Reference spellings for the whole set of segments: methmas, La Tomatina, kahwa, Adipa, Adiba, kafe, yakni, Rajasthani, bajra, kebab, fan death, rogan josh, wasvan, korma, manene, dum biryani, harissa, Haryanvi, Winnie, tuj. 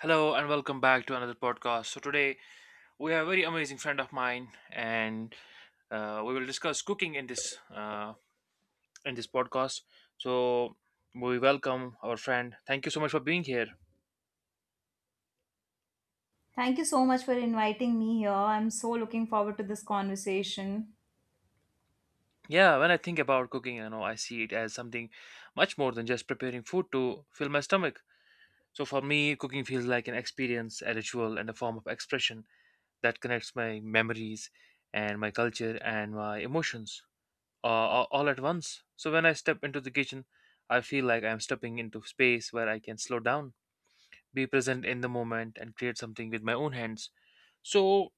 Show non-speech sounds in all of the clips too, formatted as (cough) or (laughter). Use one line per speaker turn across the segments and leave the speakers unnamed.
Hello and welcome back to another podcast. So today we have a very amazing friend of mine, and we will discuss cooking in this in this podcast. So we welcome our friend. Thank you so much for being here.
Thank you so much for inviting me here. I'm so looking forward to this conversation.
Yeah, when I think about cooking, I see it as something much more than just preparing food to fill my stomach. So for me, cooking feels like an experience, a ritual, and a form of expression that connects my memories and my culture and my emotions, all at once. So when I step into the kitchen, I feel like I'm stepping into space where I can slow down, be present in the moment, and create something with my own hands. So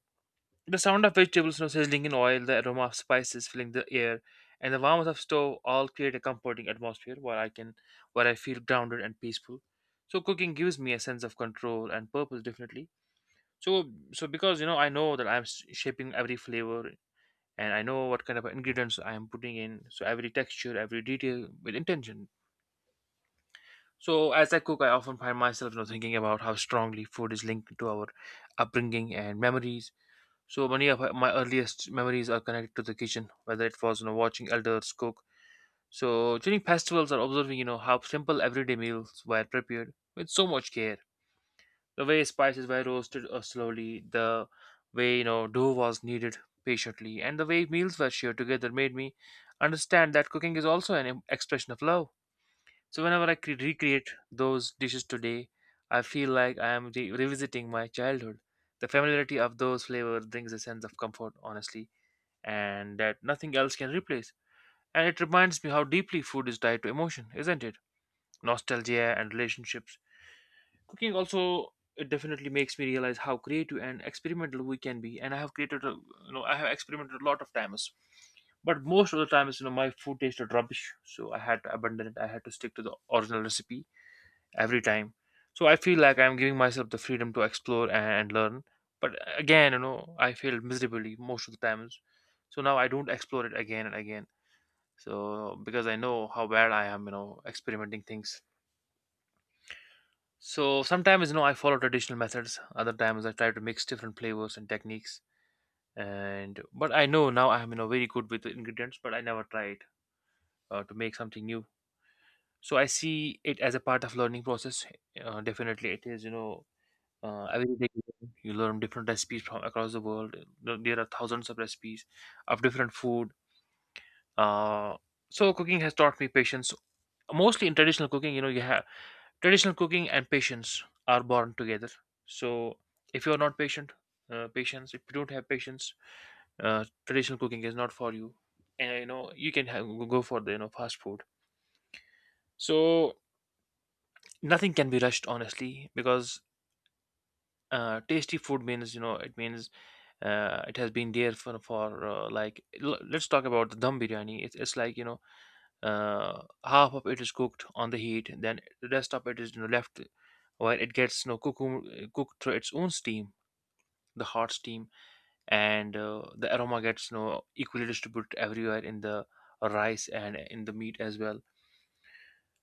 the sound of vegetables, sizzling in oil, the aroma of spices filling the air, and the warmth of stove all create a comforting atmosphere where I feel grounded and peaceful. So cooking gives me a sense of control and purpose, definitely. So because I know that I'm shaping every flavor and I know what kind of ingredients I am putting in. So every texture, every detail with intention. So as I cook, I often find myself, thinking about how strongly food is linked to our upbringing and memories. So many of my earliest memories are connected to the kitchen, whether it was watching elders cook. So during festivals or observing, how simple everyday meals were prepared with so much care. The way spices were roasted slowly, the way dough was kneaded patiently, and the way meals were shared together made me understand that cooking is also an expression of love. So whenever I recreate those dishes today, I feel like I am revisiting my childhood. The familiarity of those flavors brings a sense of comfort, honestly, and that nothing else can replace. And it reminds me how deeply food is tied to emotion, isn't it? Nostalgia and relationships. Cooking also it definitely makes me realize how creative and experimental we can be, and I have experimented a lot of times. But most of the times, my food tasted rubbish, so I had to abandon it. I had to stick to the original recipe every time. So I feel like I'm giving myself the freedom to explore and learn. But again, I failed miserably most of the times. So now I don't explore it again and again. So because I know how bad I am, experimenting things. So sometimes I follow traditional methods. Other times I try to mix different flavors and techniques. And but I know now I'm very good with the ingredients, but I never tried to make something new. So I see it as a part of learning process. Definitely, it is every day you learn different recipes from across the world. There are thousands of recipes of different food. Uh, so cooking has taught me patience. Mostly in traditional cooking, you know, you have traditional cooking and patience are born together. So if you're not patient, patience if you don't have patience, traditional cooking is not for you. And you know you can have, go for the fast food. So nothing can be rushed honestly because tasty food means you know it means it has been there for like let's talk about the dum biryani. It's like half of it is cooked on the heat then the rest of it is you know, left while it gets cooked through its own steam, the hot steam, and the aroma gets you know equally distributed everywhere in the rice and in the meat as well.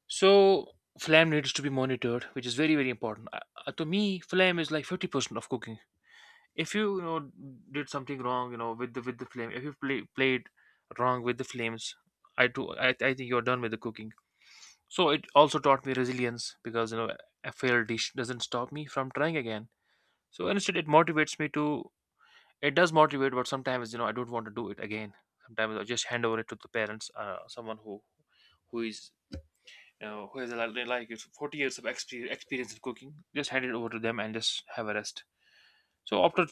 So flame needs to be monitored, which is very very important to me flame is like 50% of cooking. If you, you know did something wrong you know with the flame if you played wrong with the flames I think you're done with the cooking. So it also taught me resilience because you know a failed dish doesn't stop me from trying again. So instead it motivates me to it does motivate but sometimes you know I don't want to do it again. Sometimes I just hand over it to the parents, someone who is you know who has like it's 40 years of experience in cooking. Just hand it over to them and just have a rest. So after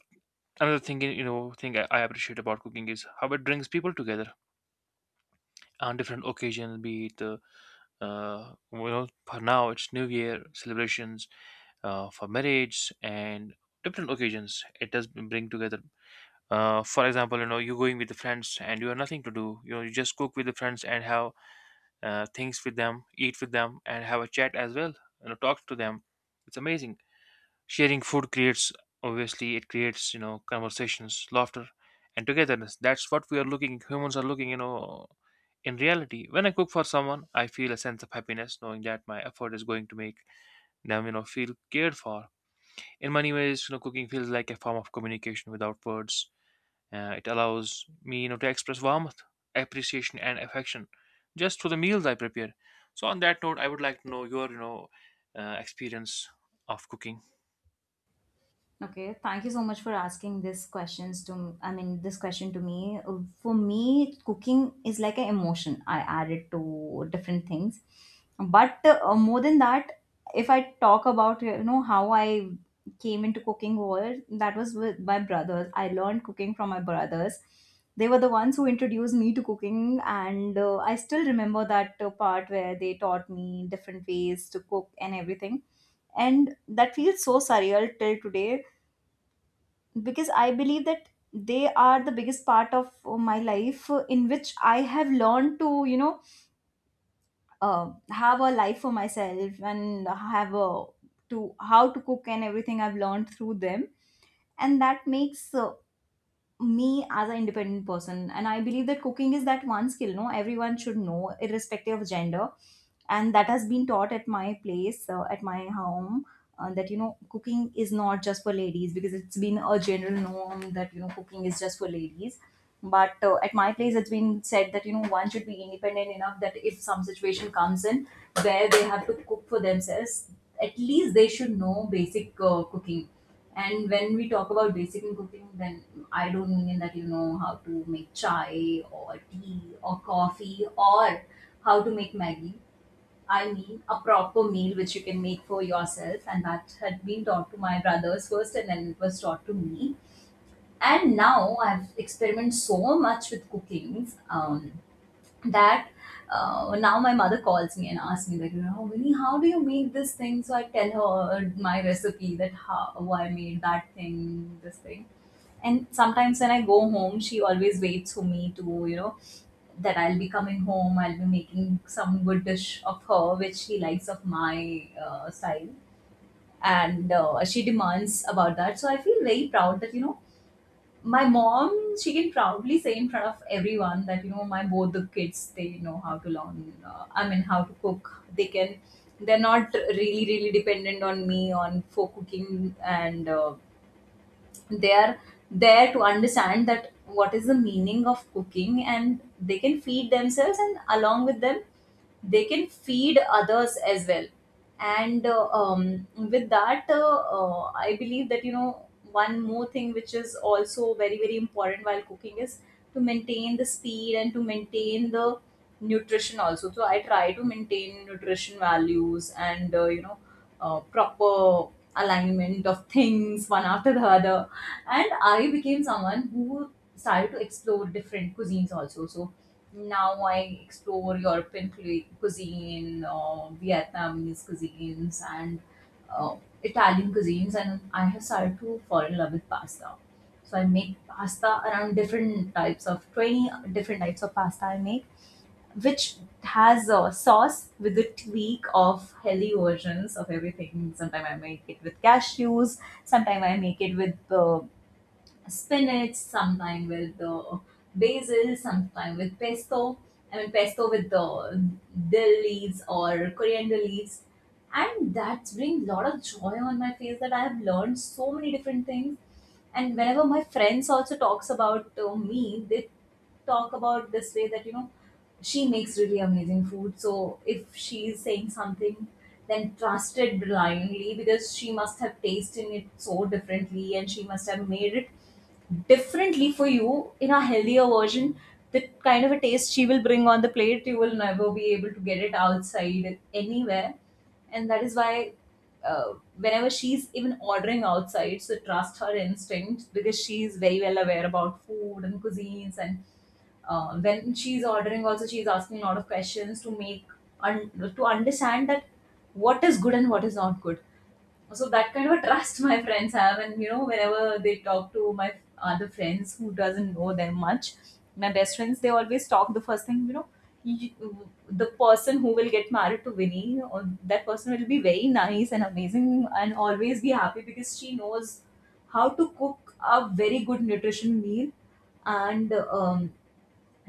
another thing you know thing I appreciate about cooking is how it brings people together on different occasions, be it for now it's new year celebrations, for marriage and different occasions. It does bring together. For example you know you're going with the friends and you have nothing to do you know you just cook with the friends and have things with them, eat with them, and have a chat as well, you know talk to them. It's amazing. Sharing food creates obviously it creates you know conversations, laughter, and togetherness. That's what we are looking, humans are looking you know in reality. When I cook for someone I feel a sense of happiness knowing that my effort is going to make them you know feel cared for. In many ways you know cooking feels like a form of communication without words. It allows me, you know, to express warmth, appreciation, and affection just through the meals I prepare. So, on that note, I would like to know your, experience of cooking.
Okay, thank you so much for asking this questions to I mean this question to me. For me, cooking is like an emotion. I add it to different things, but more than that, if I talk about how I came into cooking world. That was with my brothers. I learned cooking from my brothers. They were the ones who introduced me to cooking, and I still remember that part where they taught me different ways to cook and everything, and that feels so surreal till today, because I believe that they are the biggest part of my life, in which I have learned to have a life for myself, and have a to how to cook and everything. I've learned through them, and that makes me as an independent person. And I believe that cooking is that one skill, no, everyone should know, irrespective of gender. And that has been taught at my place, at my home, that you know cooking is not just for ladies, because it's been a general norm that you know cooking is just for ladies. But at my place it's been said that you know one should be independent enough that if some situation comes in where they have to cook for themselves, at least they should know basic cooking. And when we talk about basic in cooking, then I don't mean that you know how to make chai or tea or coffee or how to make maggie. I mean, a proper meal which you can make for yourself, and that had been taught to my brothers first, and then it was taught to me. And now I've experimented so much with cookings, that now my mother calls me and asks me like, you know, Winnie, how do you make this thing? So I tell her my recipe, that how I made that thing, this thing. And sometimes when I go home, she always waits for me to, you know, that I'll be coming home, I'll be making some good dish of her, which she likes, of my style. And she demands about that. So I feel very proud that, you know, my mom, she can proudly say in front of everyone that, you know, my both the kids, they know I mean, how to cook. They're not really, really dependent on me on for cooking, and they are there to understand that what is the meaning of cooking, and they can feed themselves, and along with them they can feed others as well. And with that I believe that you know one more thing which is also very very important while cooking is to maintain the speed and to maintain the nutrition also. So I try to maintain nutrition values, and you know proper alignment of things one after the other. And I became someone who started to explore different cuisines also. So now I explore European cuisine, Vietnamese cuisines, and uh, Italian cuisines, and I have started to fall in love with pasta. So I make pasta around different types of 20 different types of pasta I make, which has a sauce with a tweak of healthy versions of everything. Sometimes I make it with cashews, sometimes I make it with the spinach, sometimes with the basil, sometimes with pesto. I mean, pesto with the dill leaves or coriander leaves. And that brings a lot of joy on my face, that I have learned so many different things. And whenever my friends also talks about me, they talk about this way that you know she makes really amazing food. So if she is saying something, then trust it blindly, because she must have tasted it so differently and she must have made it differently for you in a healthier version. The kind of a taste she will bring on the plate, you will never be able to get it outside anywhere. And that is why, whenever she's even ordering outside, so trust her instinct, because she's very well aware about food and cuisines. And when she's ordering also, she's asking a lot of questions to make un- to understand that what is good and what is not good. So that kind of a trust my friends have, and you know whenever they talk to my other friends who doesn't know them much, my best friends, they always talk the first thing, you, the person who will get married to Winnie, or that person, will be very nice and amazing and always be happy, because she knows how to cook a very good nutrition meal. And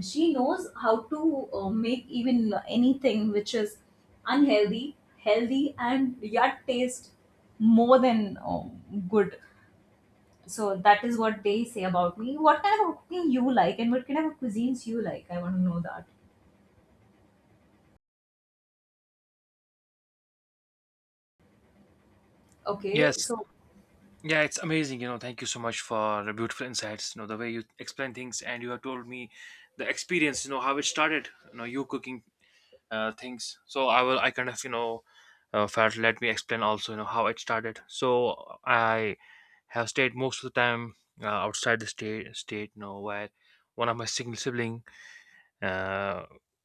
she knows how to make even anything which is unhealthy healthy, and yet taste more than good. So that is what they say about me. What kind of cooking you like and what kind of cuisines you like, I want to know that.
Yes,
Okay, so
yeah, it's amazing. You know, thank you so much for the beautiful insights. You know, the way you explain things, and you have told me the experience. You know, how it started. You know, you cooking things. So I will I kind of you know felt, let me explain also you know how it started. So I have stayed most of the time outside the state you know where one of my single sibling uh,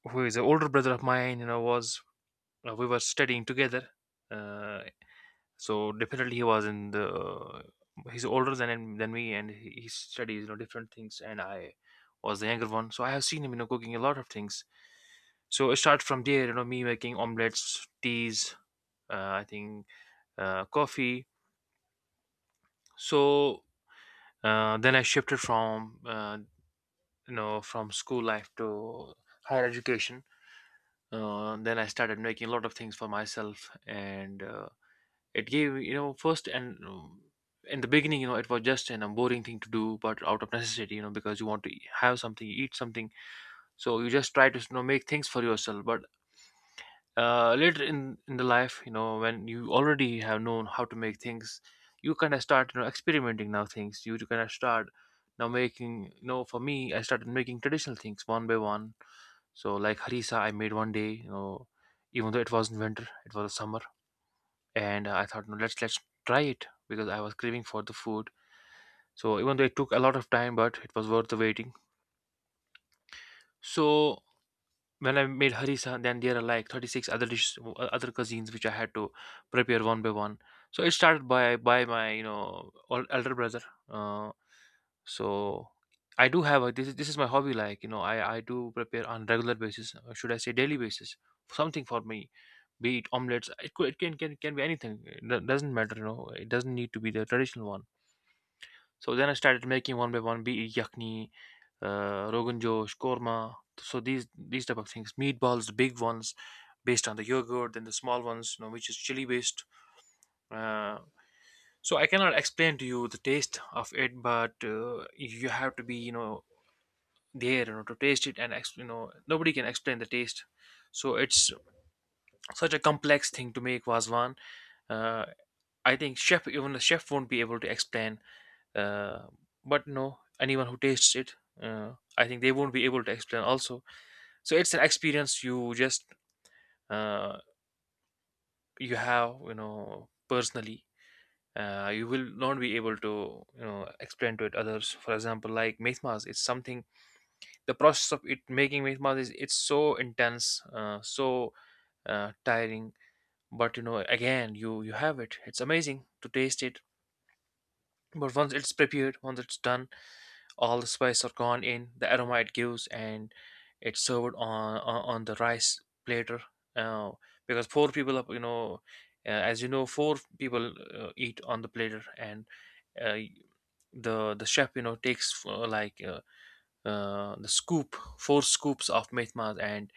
who is an older brother of mine you know was we were studying together uh, so definitely he was in the he's older than me and he studies you know different things and I was the younger one. So I have seen him you know cooking a lot of things. So it starts from there you know me making omelets, teas, I think, coffee. So then I shifted from you know from school life to higher education. Then I started making a lot of things for myself and it gave you know first and in the beginning you know it was just a boring thing to do but out of necessity you know because you want to have something, eat something. So you just try to you know make things for yourself. But later in the life you know when you already have known how to make things, you kind of start you know experimenting now things you kind of start now making you know. For me I started making traditional things one by one. So like harissa I made one day you know, even though it wasn't winter, it was summer, and I thought, no, let's try it because I was craving for the food. So even though it took a lot of time, but it was worth the waiting. So when I made harissa, then there are like 36 other dishes, other cuisines which I had to prepare one by one. So it started by my you know elder brother. Uh, so I do have this is my hobby. Like you know, I do prepare on regular basis, or should I say daily basis, something for me, be it omelets, it can be anything. It doesn't matter, you know, it doesn't need to be the traditional one. So then I started making one by one, be it yakni, rogan josh, korma. So these type of things, meatballs, the big ones, based on the yogurt, then the small ones, you know, which is chili based. Uh, so I cannot explain to you the taste of it, but you have to be, you know, there, you know, to taste it, and you know, nobody can explain the taste. So it's such a complex thing to make wasvan. Uh, I think chef, even the chef, won't be able to explain, uh, but no anyone who tastes it, I think they won't be able to explain also. So it's an experience you just, uh, you have, you know, personally, you will not be able to, you know, explain to it others. For example, like methmas, it's something, the process of it making methmas is, it's so intense, so tiring. But you know, again, you have it, it's amazing to taste it. But once it's prepared, once it's done, all the spices are gone in the aroma it gives, and it's served on the rice platter. uh, because four people are, you know, as you know, four people eat on the platter, and uh, the chef, you know, takes, like, the scoop, four scoops of methma, and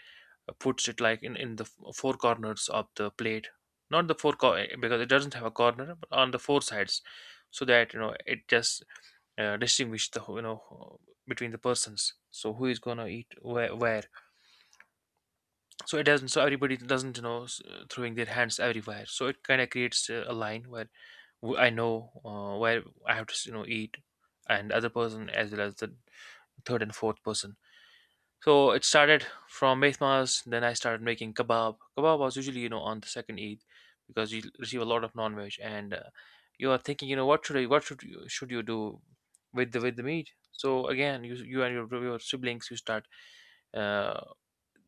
puts it like in four corners of the plate. Not because it doesn't have a corner, but on the four sides. So that, you know, it just distinguish you know, between the persons, so who is gonna eat where. So it doesn't, so everybody doesn't, you know, throwing their hands everywhere, so it kind of creates a line where I know, where I have to, you know, eat, and other person, as well as the third and fourth person. So it started from Mehmas, then I started making kebab. Kebab was usually, you know, on the second Eid, because you receive a lot of non-veg, and you are thinking, you know, what should I, what should you do with the meat? So again, you and your siblings, you start, uh,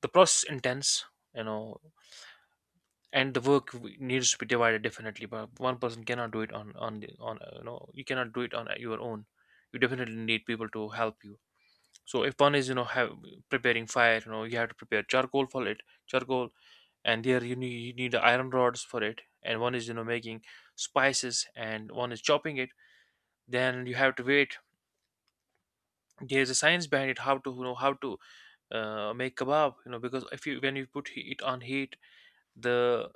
the process intense, you know, and the work needs to be divided, definitely. But one person cannot do it on, you know, you cannot do it on your own. You definitely need people to help you. So if one is, you know, have preparing fire, you know, you have to prepare charcoal for it, charcoal, and there you need iron rods for it, and one is, you know, making spices, and one is chopping it. Then you have to wait. There's a science behind it, how to, you know, how to make kebab, you know, because if you when you put it on heat, the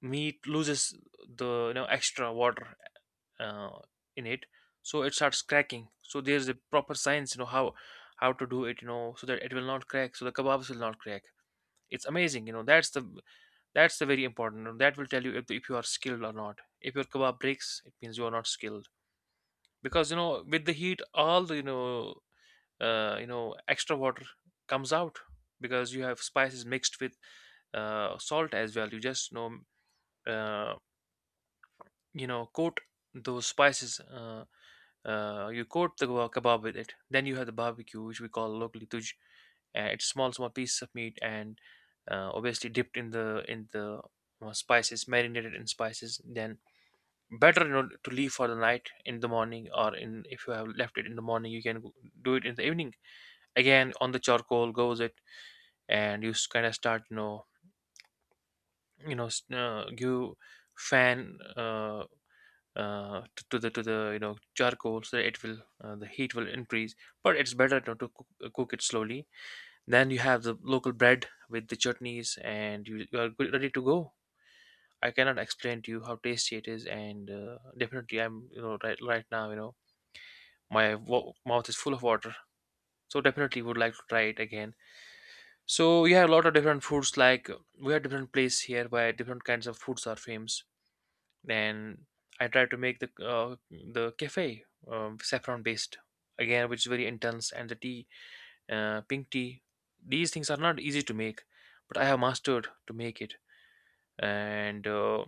meat loses the, you know, extra water, uh, in it, so it starts cracking. So there's a proper science, you know, how to do it, you know, so that it will not crack, so the kebabs will not crack. It's amazing, you know, that's the very important, and that will tell you if you are skilled or not. If your kebab breaks, it means you are not skilled, because, you know, with the heat, all the, you know, extra water comes out, because you have spices mixed with, salt as well, you just, you know, uh, coat those spices. You coat the kebab with it. Then you have the barbecue, which we call locally tuj. It's small, small pieces of meat, and obviously dipped in the spices, marinated in spices. Then better, you know, to leave for the night in the morning, or in if you have left it in the morning, you can do it in the evening. Again, on the charcoal goes it, and you kind of start, you know, you fan. To the, you know, charcoal, so it will, the heat will increase, but it's better to cook, cook it slowly. Then you have the local bread with the chutneys, and you are good, ready to go. I cannot explain to you how tasty it is, and definitely I'm, you know, right now, you know, my mouth is full of water. So definitely would like to try it again. So we have a lot of different foods, like we have different place here where different kinds of foods are famous, and I tried to make the cafe, saffron based, again, which is very intense, and the tea, pink tea. These things are not easy to make, but I have mastered to make it. And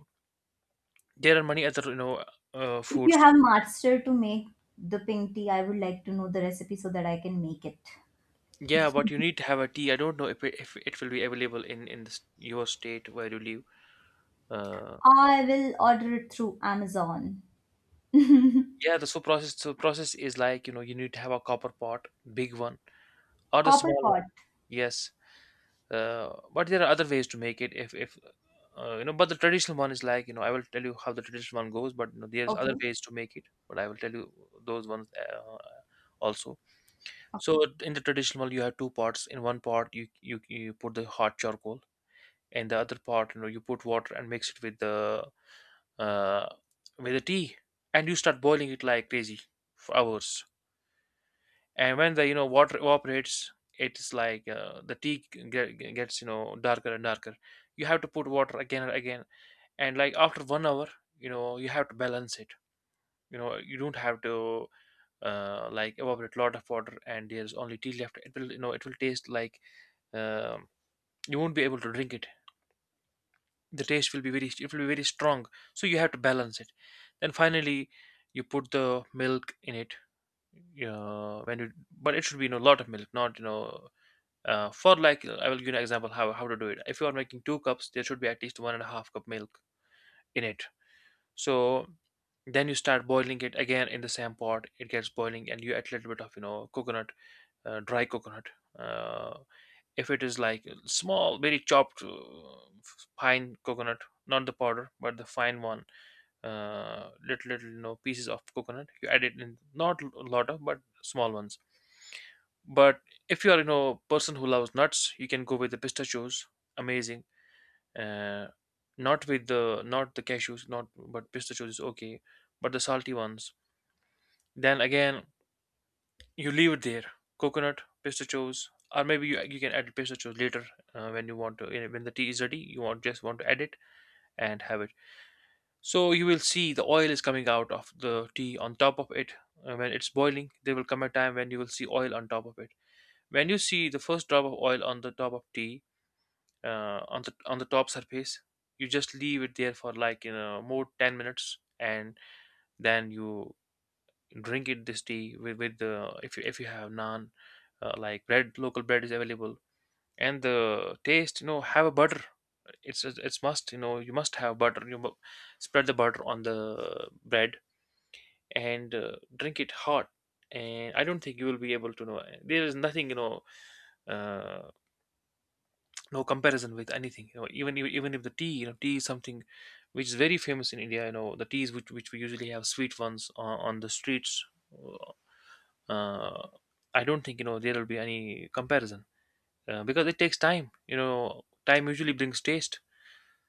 there are many other, you know,
if you
foods.
have master to make the pink tea, I would like to know the recipe so that I can make it.
Yeah, but you need to have a tea. I don't know if it will be available in this, your state where you live. Uh,
I will order it through Amazon.
yeah, the so process is like, you know, you need to have a copper pot, big one or the
Copper
small one.
pot.
Yes, but there are other ways to make it, if you know, but the traditional one is like, you know, I will tell you how the traditional one goes, but you know, there's other
Okay.
ways to make it. But I will tell you those ones, also. So in the traditional one, you have two pots. In one pot, you put the hot charcoal, and the other pot, you know, you put water and mix it with uh, the tea, and you start boiling it like crazy for hours. And when the, you know, water evaporates, it's like, the tea gets, you know, darker and darker. You have to put water again and again. And like after 1 hour, you know, you have to balance it. You know, you don't have to like, evaporate a lot of water, and there's only tea left, it will, you know, it will taste like, um, you won't be able to drink it. The taste will be very, it will be very strong. So you have to balance it. Then finally, you put the milk in it, when you. But it should be, you know, a lot of milk, not you know. For like, I will give you an example how to do it. If you are making 2 cups, there should be at least 1.5 cup milk in it. So then you start boiling it again in the same pot. It gets boiling, and you add a little bit of, you know, coconut, dry coconut. Uh, if it is like small, very chopped, fine coconut, not the powder, but the fine one, little, you know, pieces of coconut you add it in, not a lot of, but small ones. But if you are, you know, person who loves nuts, you can go with the pistachios. Amazing. uh, Not with the, not the cashews, not, but pistachios is okay, but the salty ones. Then again, you leave it there, coconut, pistachios. Or maybe you can add pistachios later, when you want to, when the tea is ready, you want just want to add it and have it. So you will see the oil is coming out of the tea on top of it. When it's boiling, there will come a time when you will see oil on top of it. When you see the first drop of oil on the top of tea, on the top surface, you just leave it there for like, you know, more 10 minutes, and then you drink it, this tea with the if you, have naan, like bread, local bread is available, and the taste, you know, have a butter. It's must, you know, you must have butter. Spread the butter on the bread, and drink it hot. And I don't think you will be able to know, there is nothing, you know, uh, no comparison with anything, you know, even if the tea, you know, tea is something which is very famous in India, you know, the teas which we usually have sweet ones on the streets. uh, I don't think, you know, there will be any comparison, because it takes time, you know, time usually brings taste.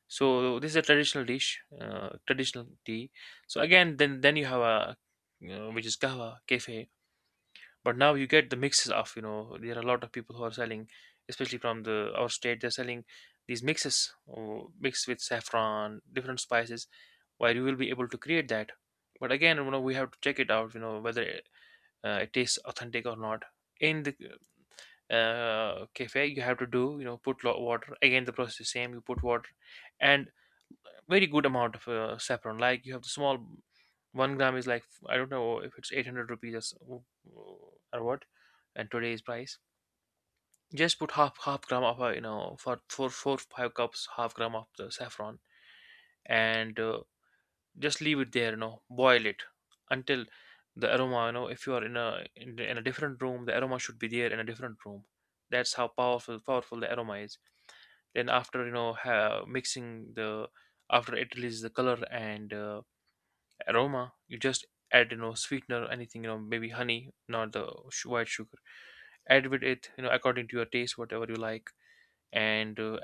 So this is a traditional dish, traditional tea. So again, then you have a you which is kahwa kafe. But now you get the mixes of, you know, there are a lot of people who are selling, especially from the our state, they're selling these mixes, oh, mixed with saffron, different spices, where you will be able to create that. But again, you know, we have to check it out, you know, whether it, it tastes authentic or not. In the, cafe, you have to do, you know, put water, again the process is same, you put water and very good amount of saffron. Like, you have the small, 1 gram is like, I don't know if it's 800 rupees or or what, and today's price. Just put half gram of for four five cups, half gram of the saffron and just leave it there. You know, boil it until the aroma. You know, if you are in a different room, the aroma should be there in a different room. That's how powerful the aroma is. Then after mixing the after it releases the color and aroma. You just add sweetener, or anything, maybe honey, not the white sugar. Add with it according to your taste, whatever you like. And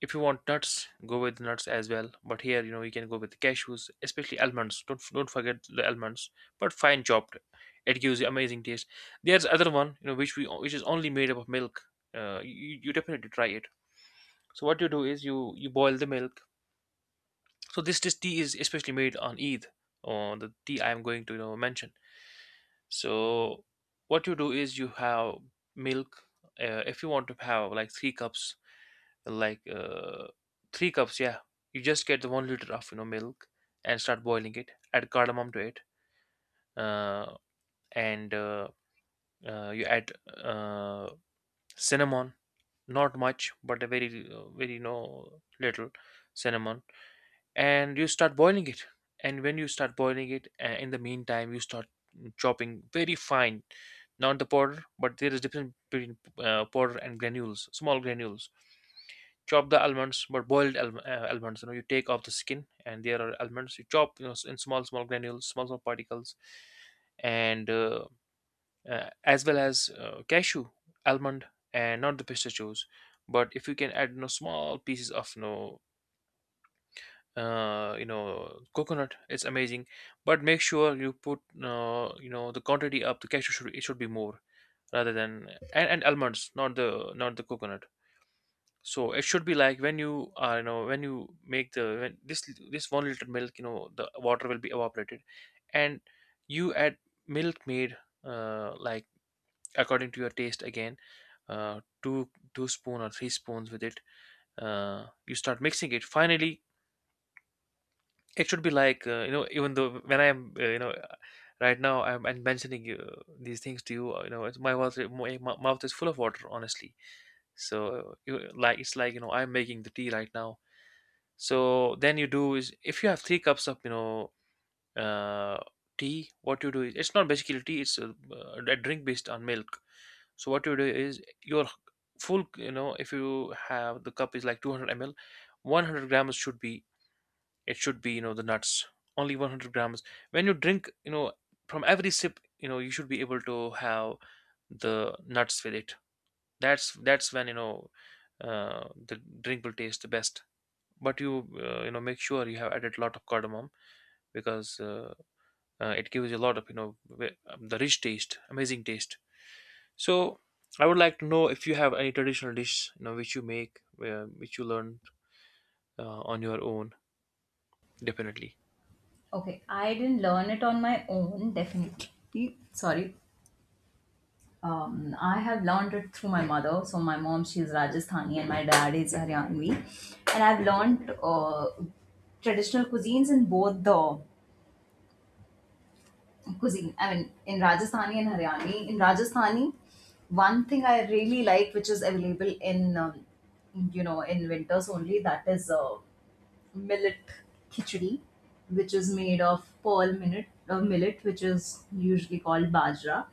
If you want nuts, go with nuts as well. But here, you can go with cashews, especially almonds. Don't forget the almonds, but fine chopped. It gives you amazing taste. There's other one, which is only made up of milk. You definitely try it. So what you do is you boil the milk. So this tea is especially made on Eid, or the tea I am going to, mention. So what you do is you have milk. If you want to have like three cups, like uh, three cups, yeah, you just get the 1 liter of milk and start boiling it. Add cardamom to it, uh, and you add uh, cinnamon. Not much, but a very, little cinnamon, and you start boiling it. And when you start boiling it, in the meantime you start chopping very fine, not the powder, but there is difference between powder and granules, small granules. Chop the almonds, but boiled almonds. You know, you take off the skin, and there are almonds. You chop, you know, in small granules, small particles. And As well as cashew, almond, and not the pistachios, but if you can add, you know, small pieces of no you know coconut, it's amazing. But make sure you put, you know, the quantity up. The cashew should, it should be more, rather than and almonds, not the coconut. So it should be like when you are, you know, when you make the, when this 1 liter milk, you know, the water will be evaporated, and you add milk made, like according to your taste. Again, uh, two two spoon, or three spoons with it. You start mixing it finally. It should be like, you know, even though when I'm, you know, right now I'm mentioning these things to you, you know, it's, my mouth, my mouth is full of water, honestly. So, you, like, it's like, you know, I'm making the tea right now. So then you do is, if you have three cups of, you know, uh, tea, what you do is, it's not basically tea; it's a drink based on milk. So what you do is your full, you know, if you have, the cup is like 200 ml, 100 grams should be, it should be, you know, the nuts, only 100 grams. When you drink, you know, from every sip, you know, you should be able to have the nuts with it. That's when, you know, the drink will taste the best. But you, you know, make sure you have added a lot of cardamom, because it gives you a lot of, you know, the rich taste, amazing taste. So I would like to know if you have any traditional dish, you know, which you make, which you learned on your own. Definitely.
Okay, I didn't learn it on my own, definitely. Sorry. I have learned it through my mother. So, my mom, she's Rajasthani, and my dad is Haryanvi. And I've learned traditional cuisines in both the cuisine. I mean, in Rajasthani and Haryani. In Rajasthani, one thing I really like, which is available in, you know, in winters only, that is millet khichdi, which is made of pearl millet, millet which is usually called bajra.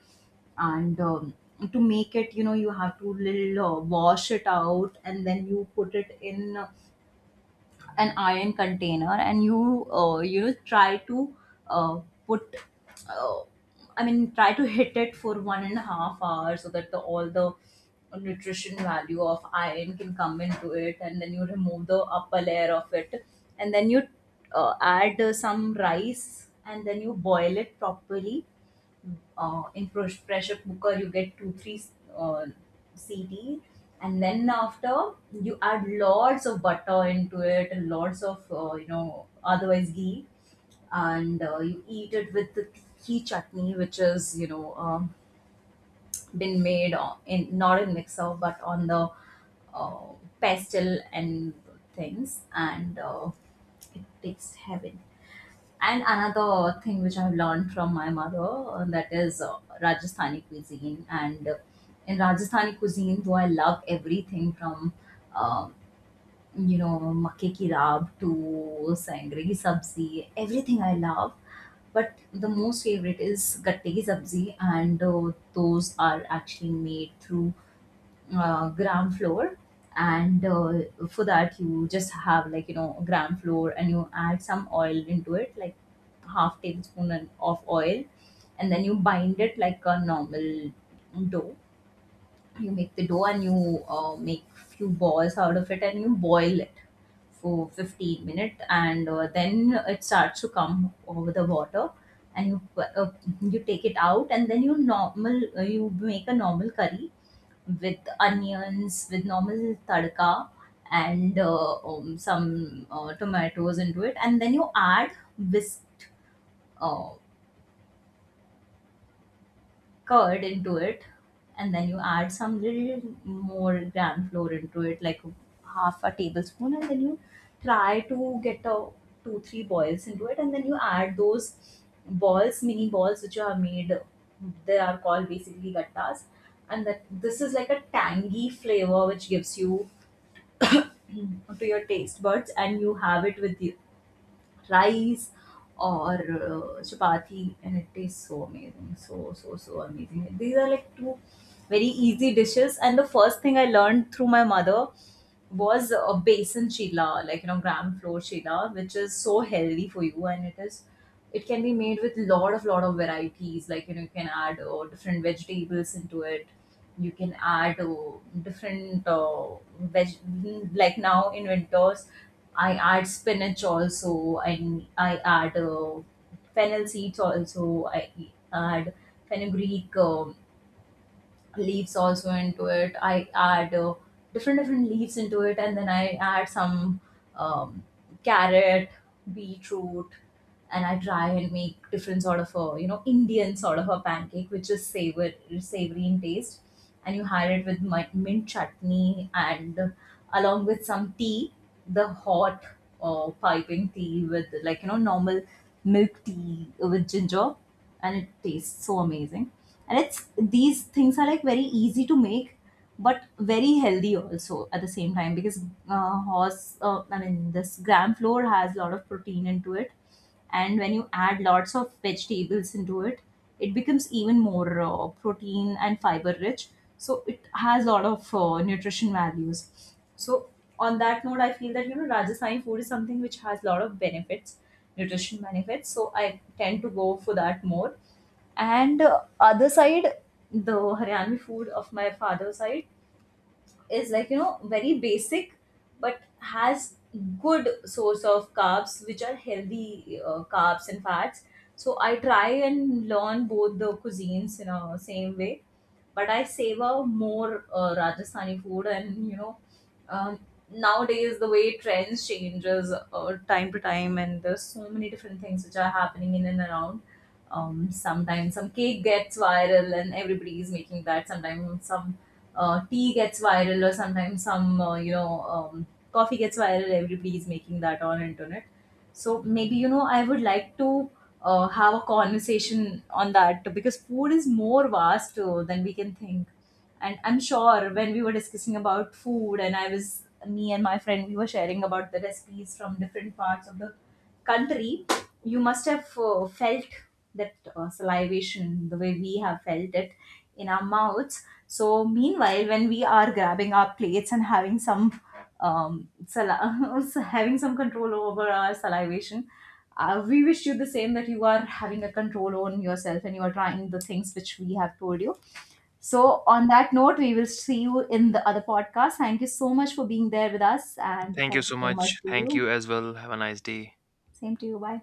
And to make it, you know, you have to little wash it out, and then you put it in an iron container, and you you know try to uh, put, uh, I mean try to hit it for 1.5 hours so that the all the nutrition value of iron can come into it. And then you remove the upper layer of it, and then you add some rice, and then you boil it properly in pressure cooker. You get two three uh, CT, and then after, you add lots of butter into it and lots of you know otherwise ghee. And you eat it with the ghee chutney, which is you know been made on, in not in mixer but on the uh, pestle and things, and it tastes heaven. And another thing which I've learned from my mother, that is Rajasthani cuisine. And in Rajasthani cuisine, though I love everything from, um, you know, makke ki raab to sangre ki sabzi, everything I love. But the most favorite is gatte ki sabzi, and those are actually made through ground floor. And for that you just have like you know ground floor, and you add some oil into it, like half tablespoon of oil, and then you bind it like a normal dough. You make the dough, and you make few balls out of it, and you boil it for 15 minutes, and then it starts to come over the water, and you take it out. And then you normal, you make a normal curry with onions, with normal tadka, and some tomatoes into it, and then you add whisk uh, curd into it, and then you add some little more gram flour into it, like half a tablespoon, and then you try to get a two three boils into it, and then you add those balls, mini balls which you have made. They are called basically gattas, and that this is like a tangy flavor which gives you (clears throat) to your taste buds, and you have it with the rice or chapati, and it tastes so amazing. So so so amazing. These are like two very easy dishes. And the first thing I learned through my mother was a basin chila, like you know, gram flour chila, which is so healthy for you. And it is, it can be made with lot of varieties. Like you know, you can add different vegetables into it. You can add different veg. Like now in winters, I add spinach also, and I add fennel seeds also. I add fenugreek. Leaves also into it. I add different leaves into it, and then I add some, um, carrot, beetroot, and I try and make different sort of a you know Indian sort of a pancake, which is savory savory in taste. And you had it with my mint chutney, and along with some tea, the hot piping tea with like you know normal milk tea with ginger, and it tastes so amazing. And it's, these things are like very easy to make, but very healthy also at the same time, because I mean, this gram flour has a lot of protein into it. And when you add lots of vegetables into it, it becomes even more protein and fiber rich. So it has a lot of nutrition values. So on that note, I feel that you know Rajasthani food is something which has a lot of benefits, nutrition benefits. So I tend to go for that more. And other side, the Haryani food of my father's side is like you know very basic, but has good source of carbs, which are healthy, carbs and fats. So I try and learn both the cuisines in a same way, but I savor more Rajasthani food. And you know, um, nowadays the way trends changes time to time, and there's so many different things which are happening in and around. Sometimes some cake gets viral and everybody is making that, sometimes some tea gets viral, or sometimes some you know coffee gets viral, everybody is making that on internet. So maybe you know I would like to have a conversation on that, because food is more vast than we can think. And I'm sure when we were discussing about food, and I was, me and my friend, we were sharing about the recipes from different parts of the country, you must have felt that salivation, the way we have felt it in our mouths. So meanwhile, when we are grabbing our plates and having some, um, sal- (laughs) having some control over our salivation, we wish you the same, that you are having a control on yourself and you are trying the things which we have told you. So, on that note, we will see you in the other podcast. Thank you so much for being there with us, and
Thank you
thank you
so
so much
much.
to
Thank
you.
you as well. Have a nice day.
Same to you. Bye.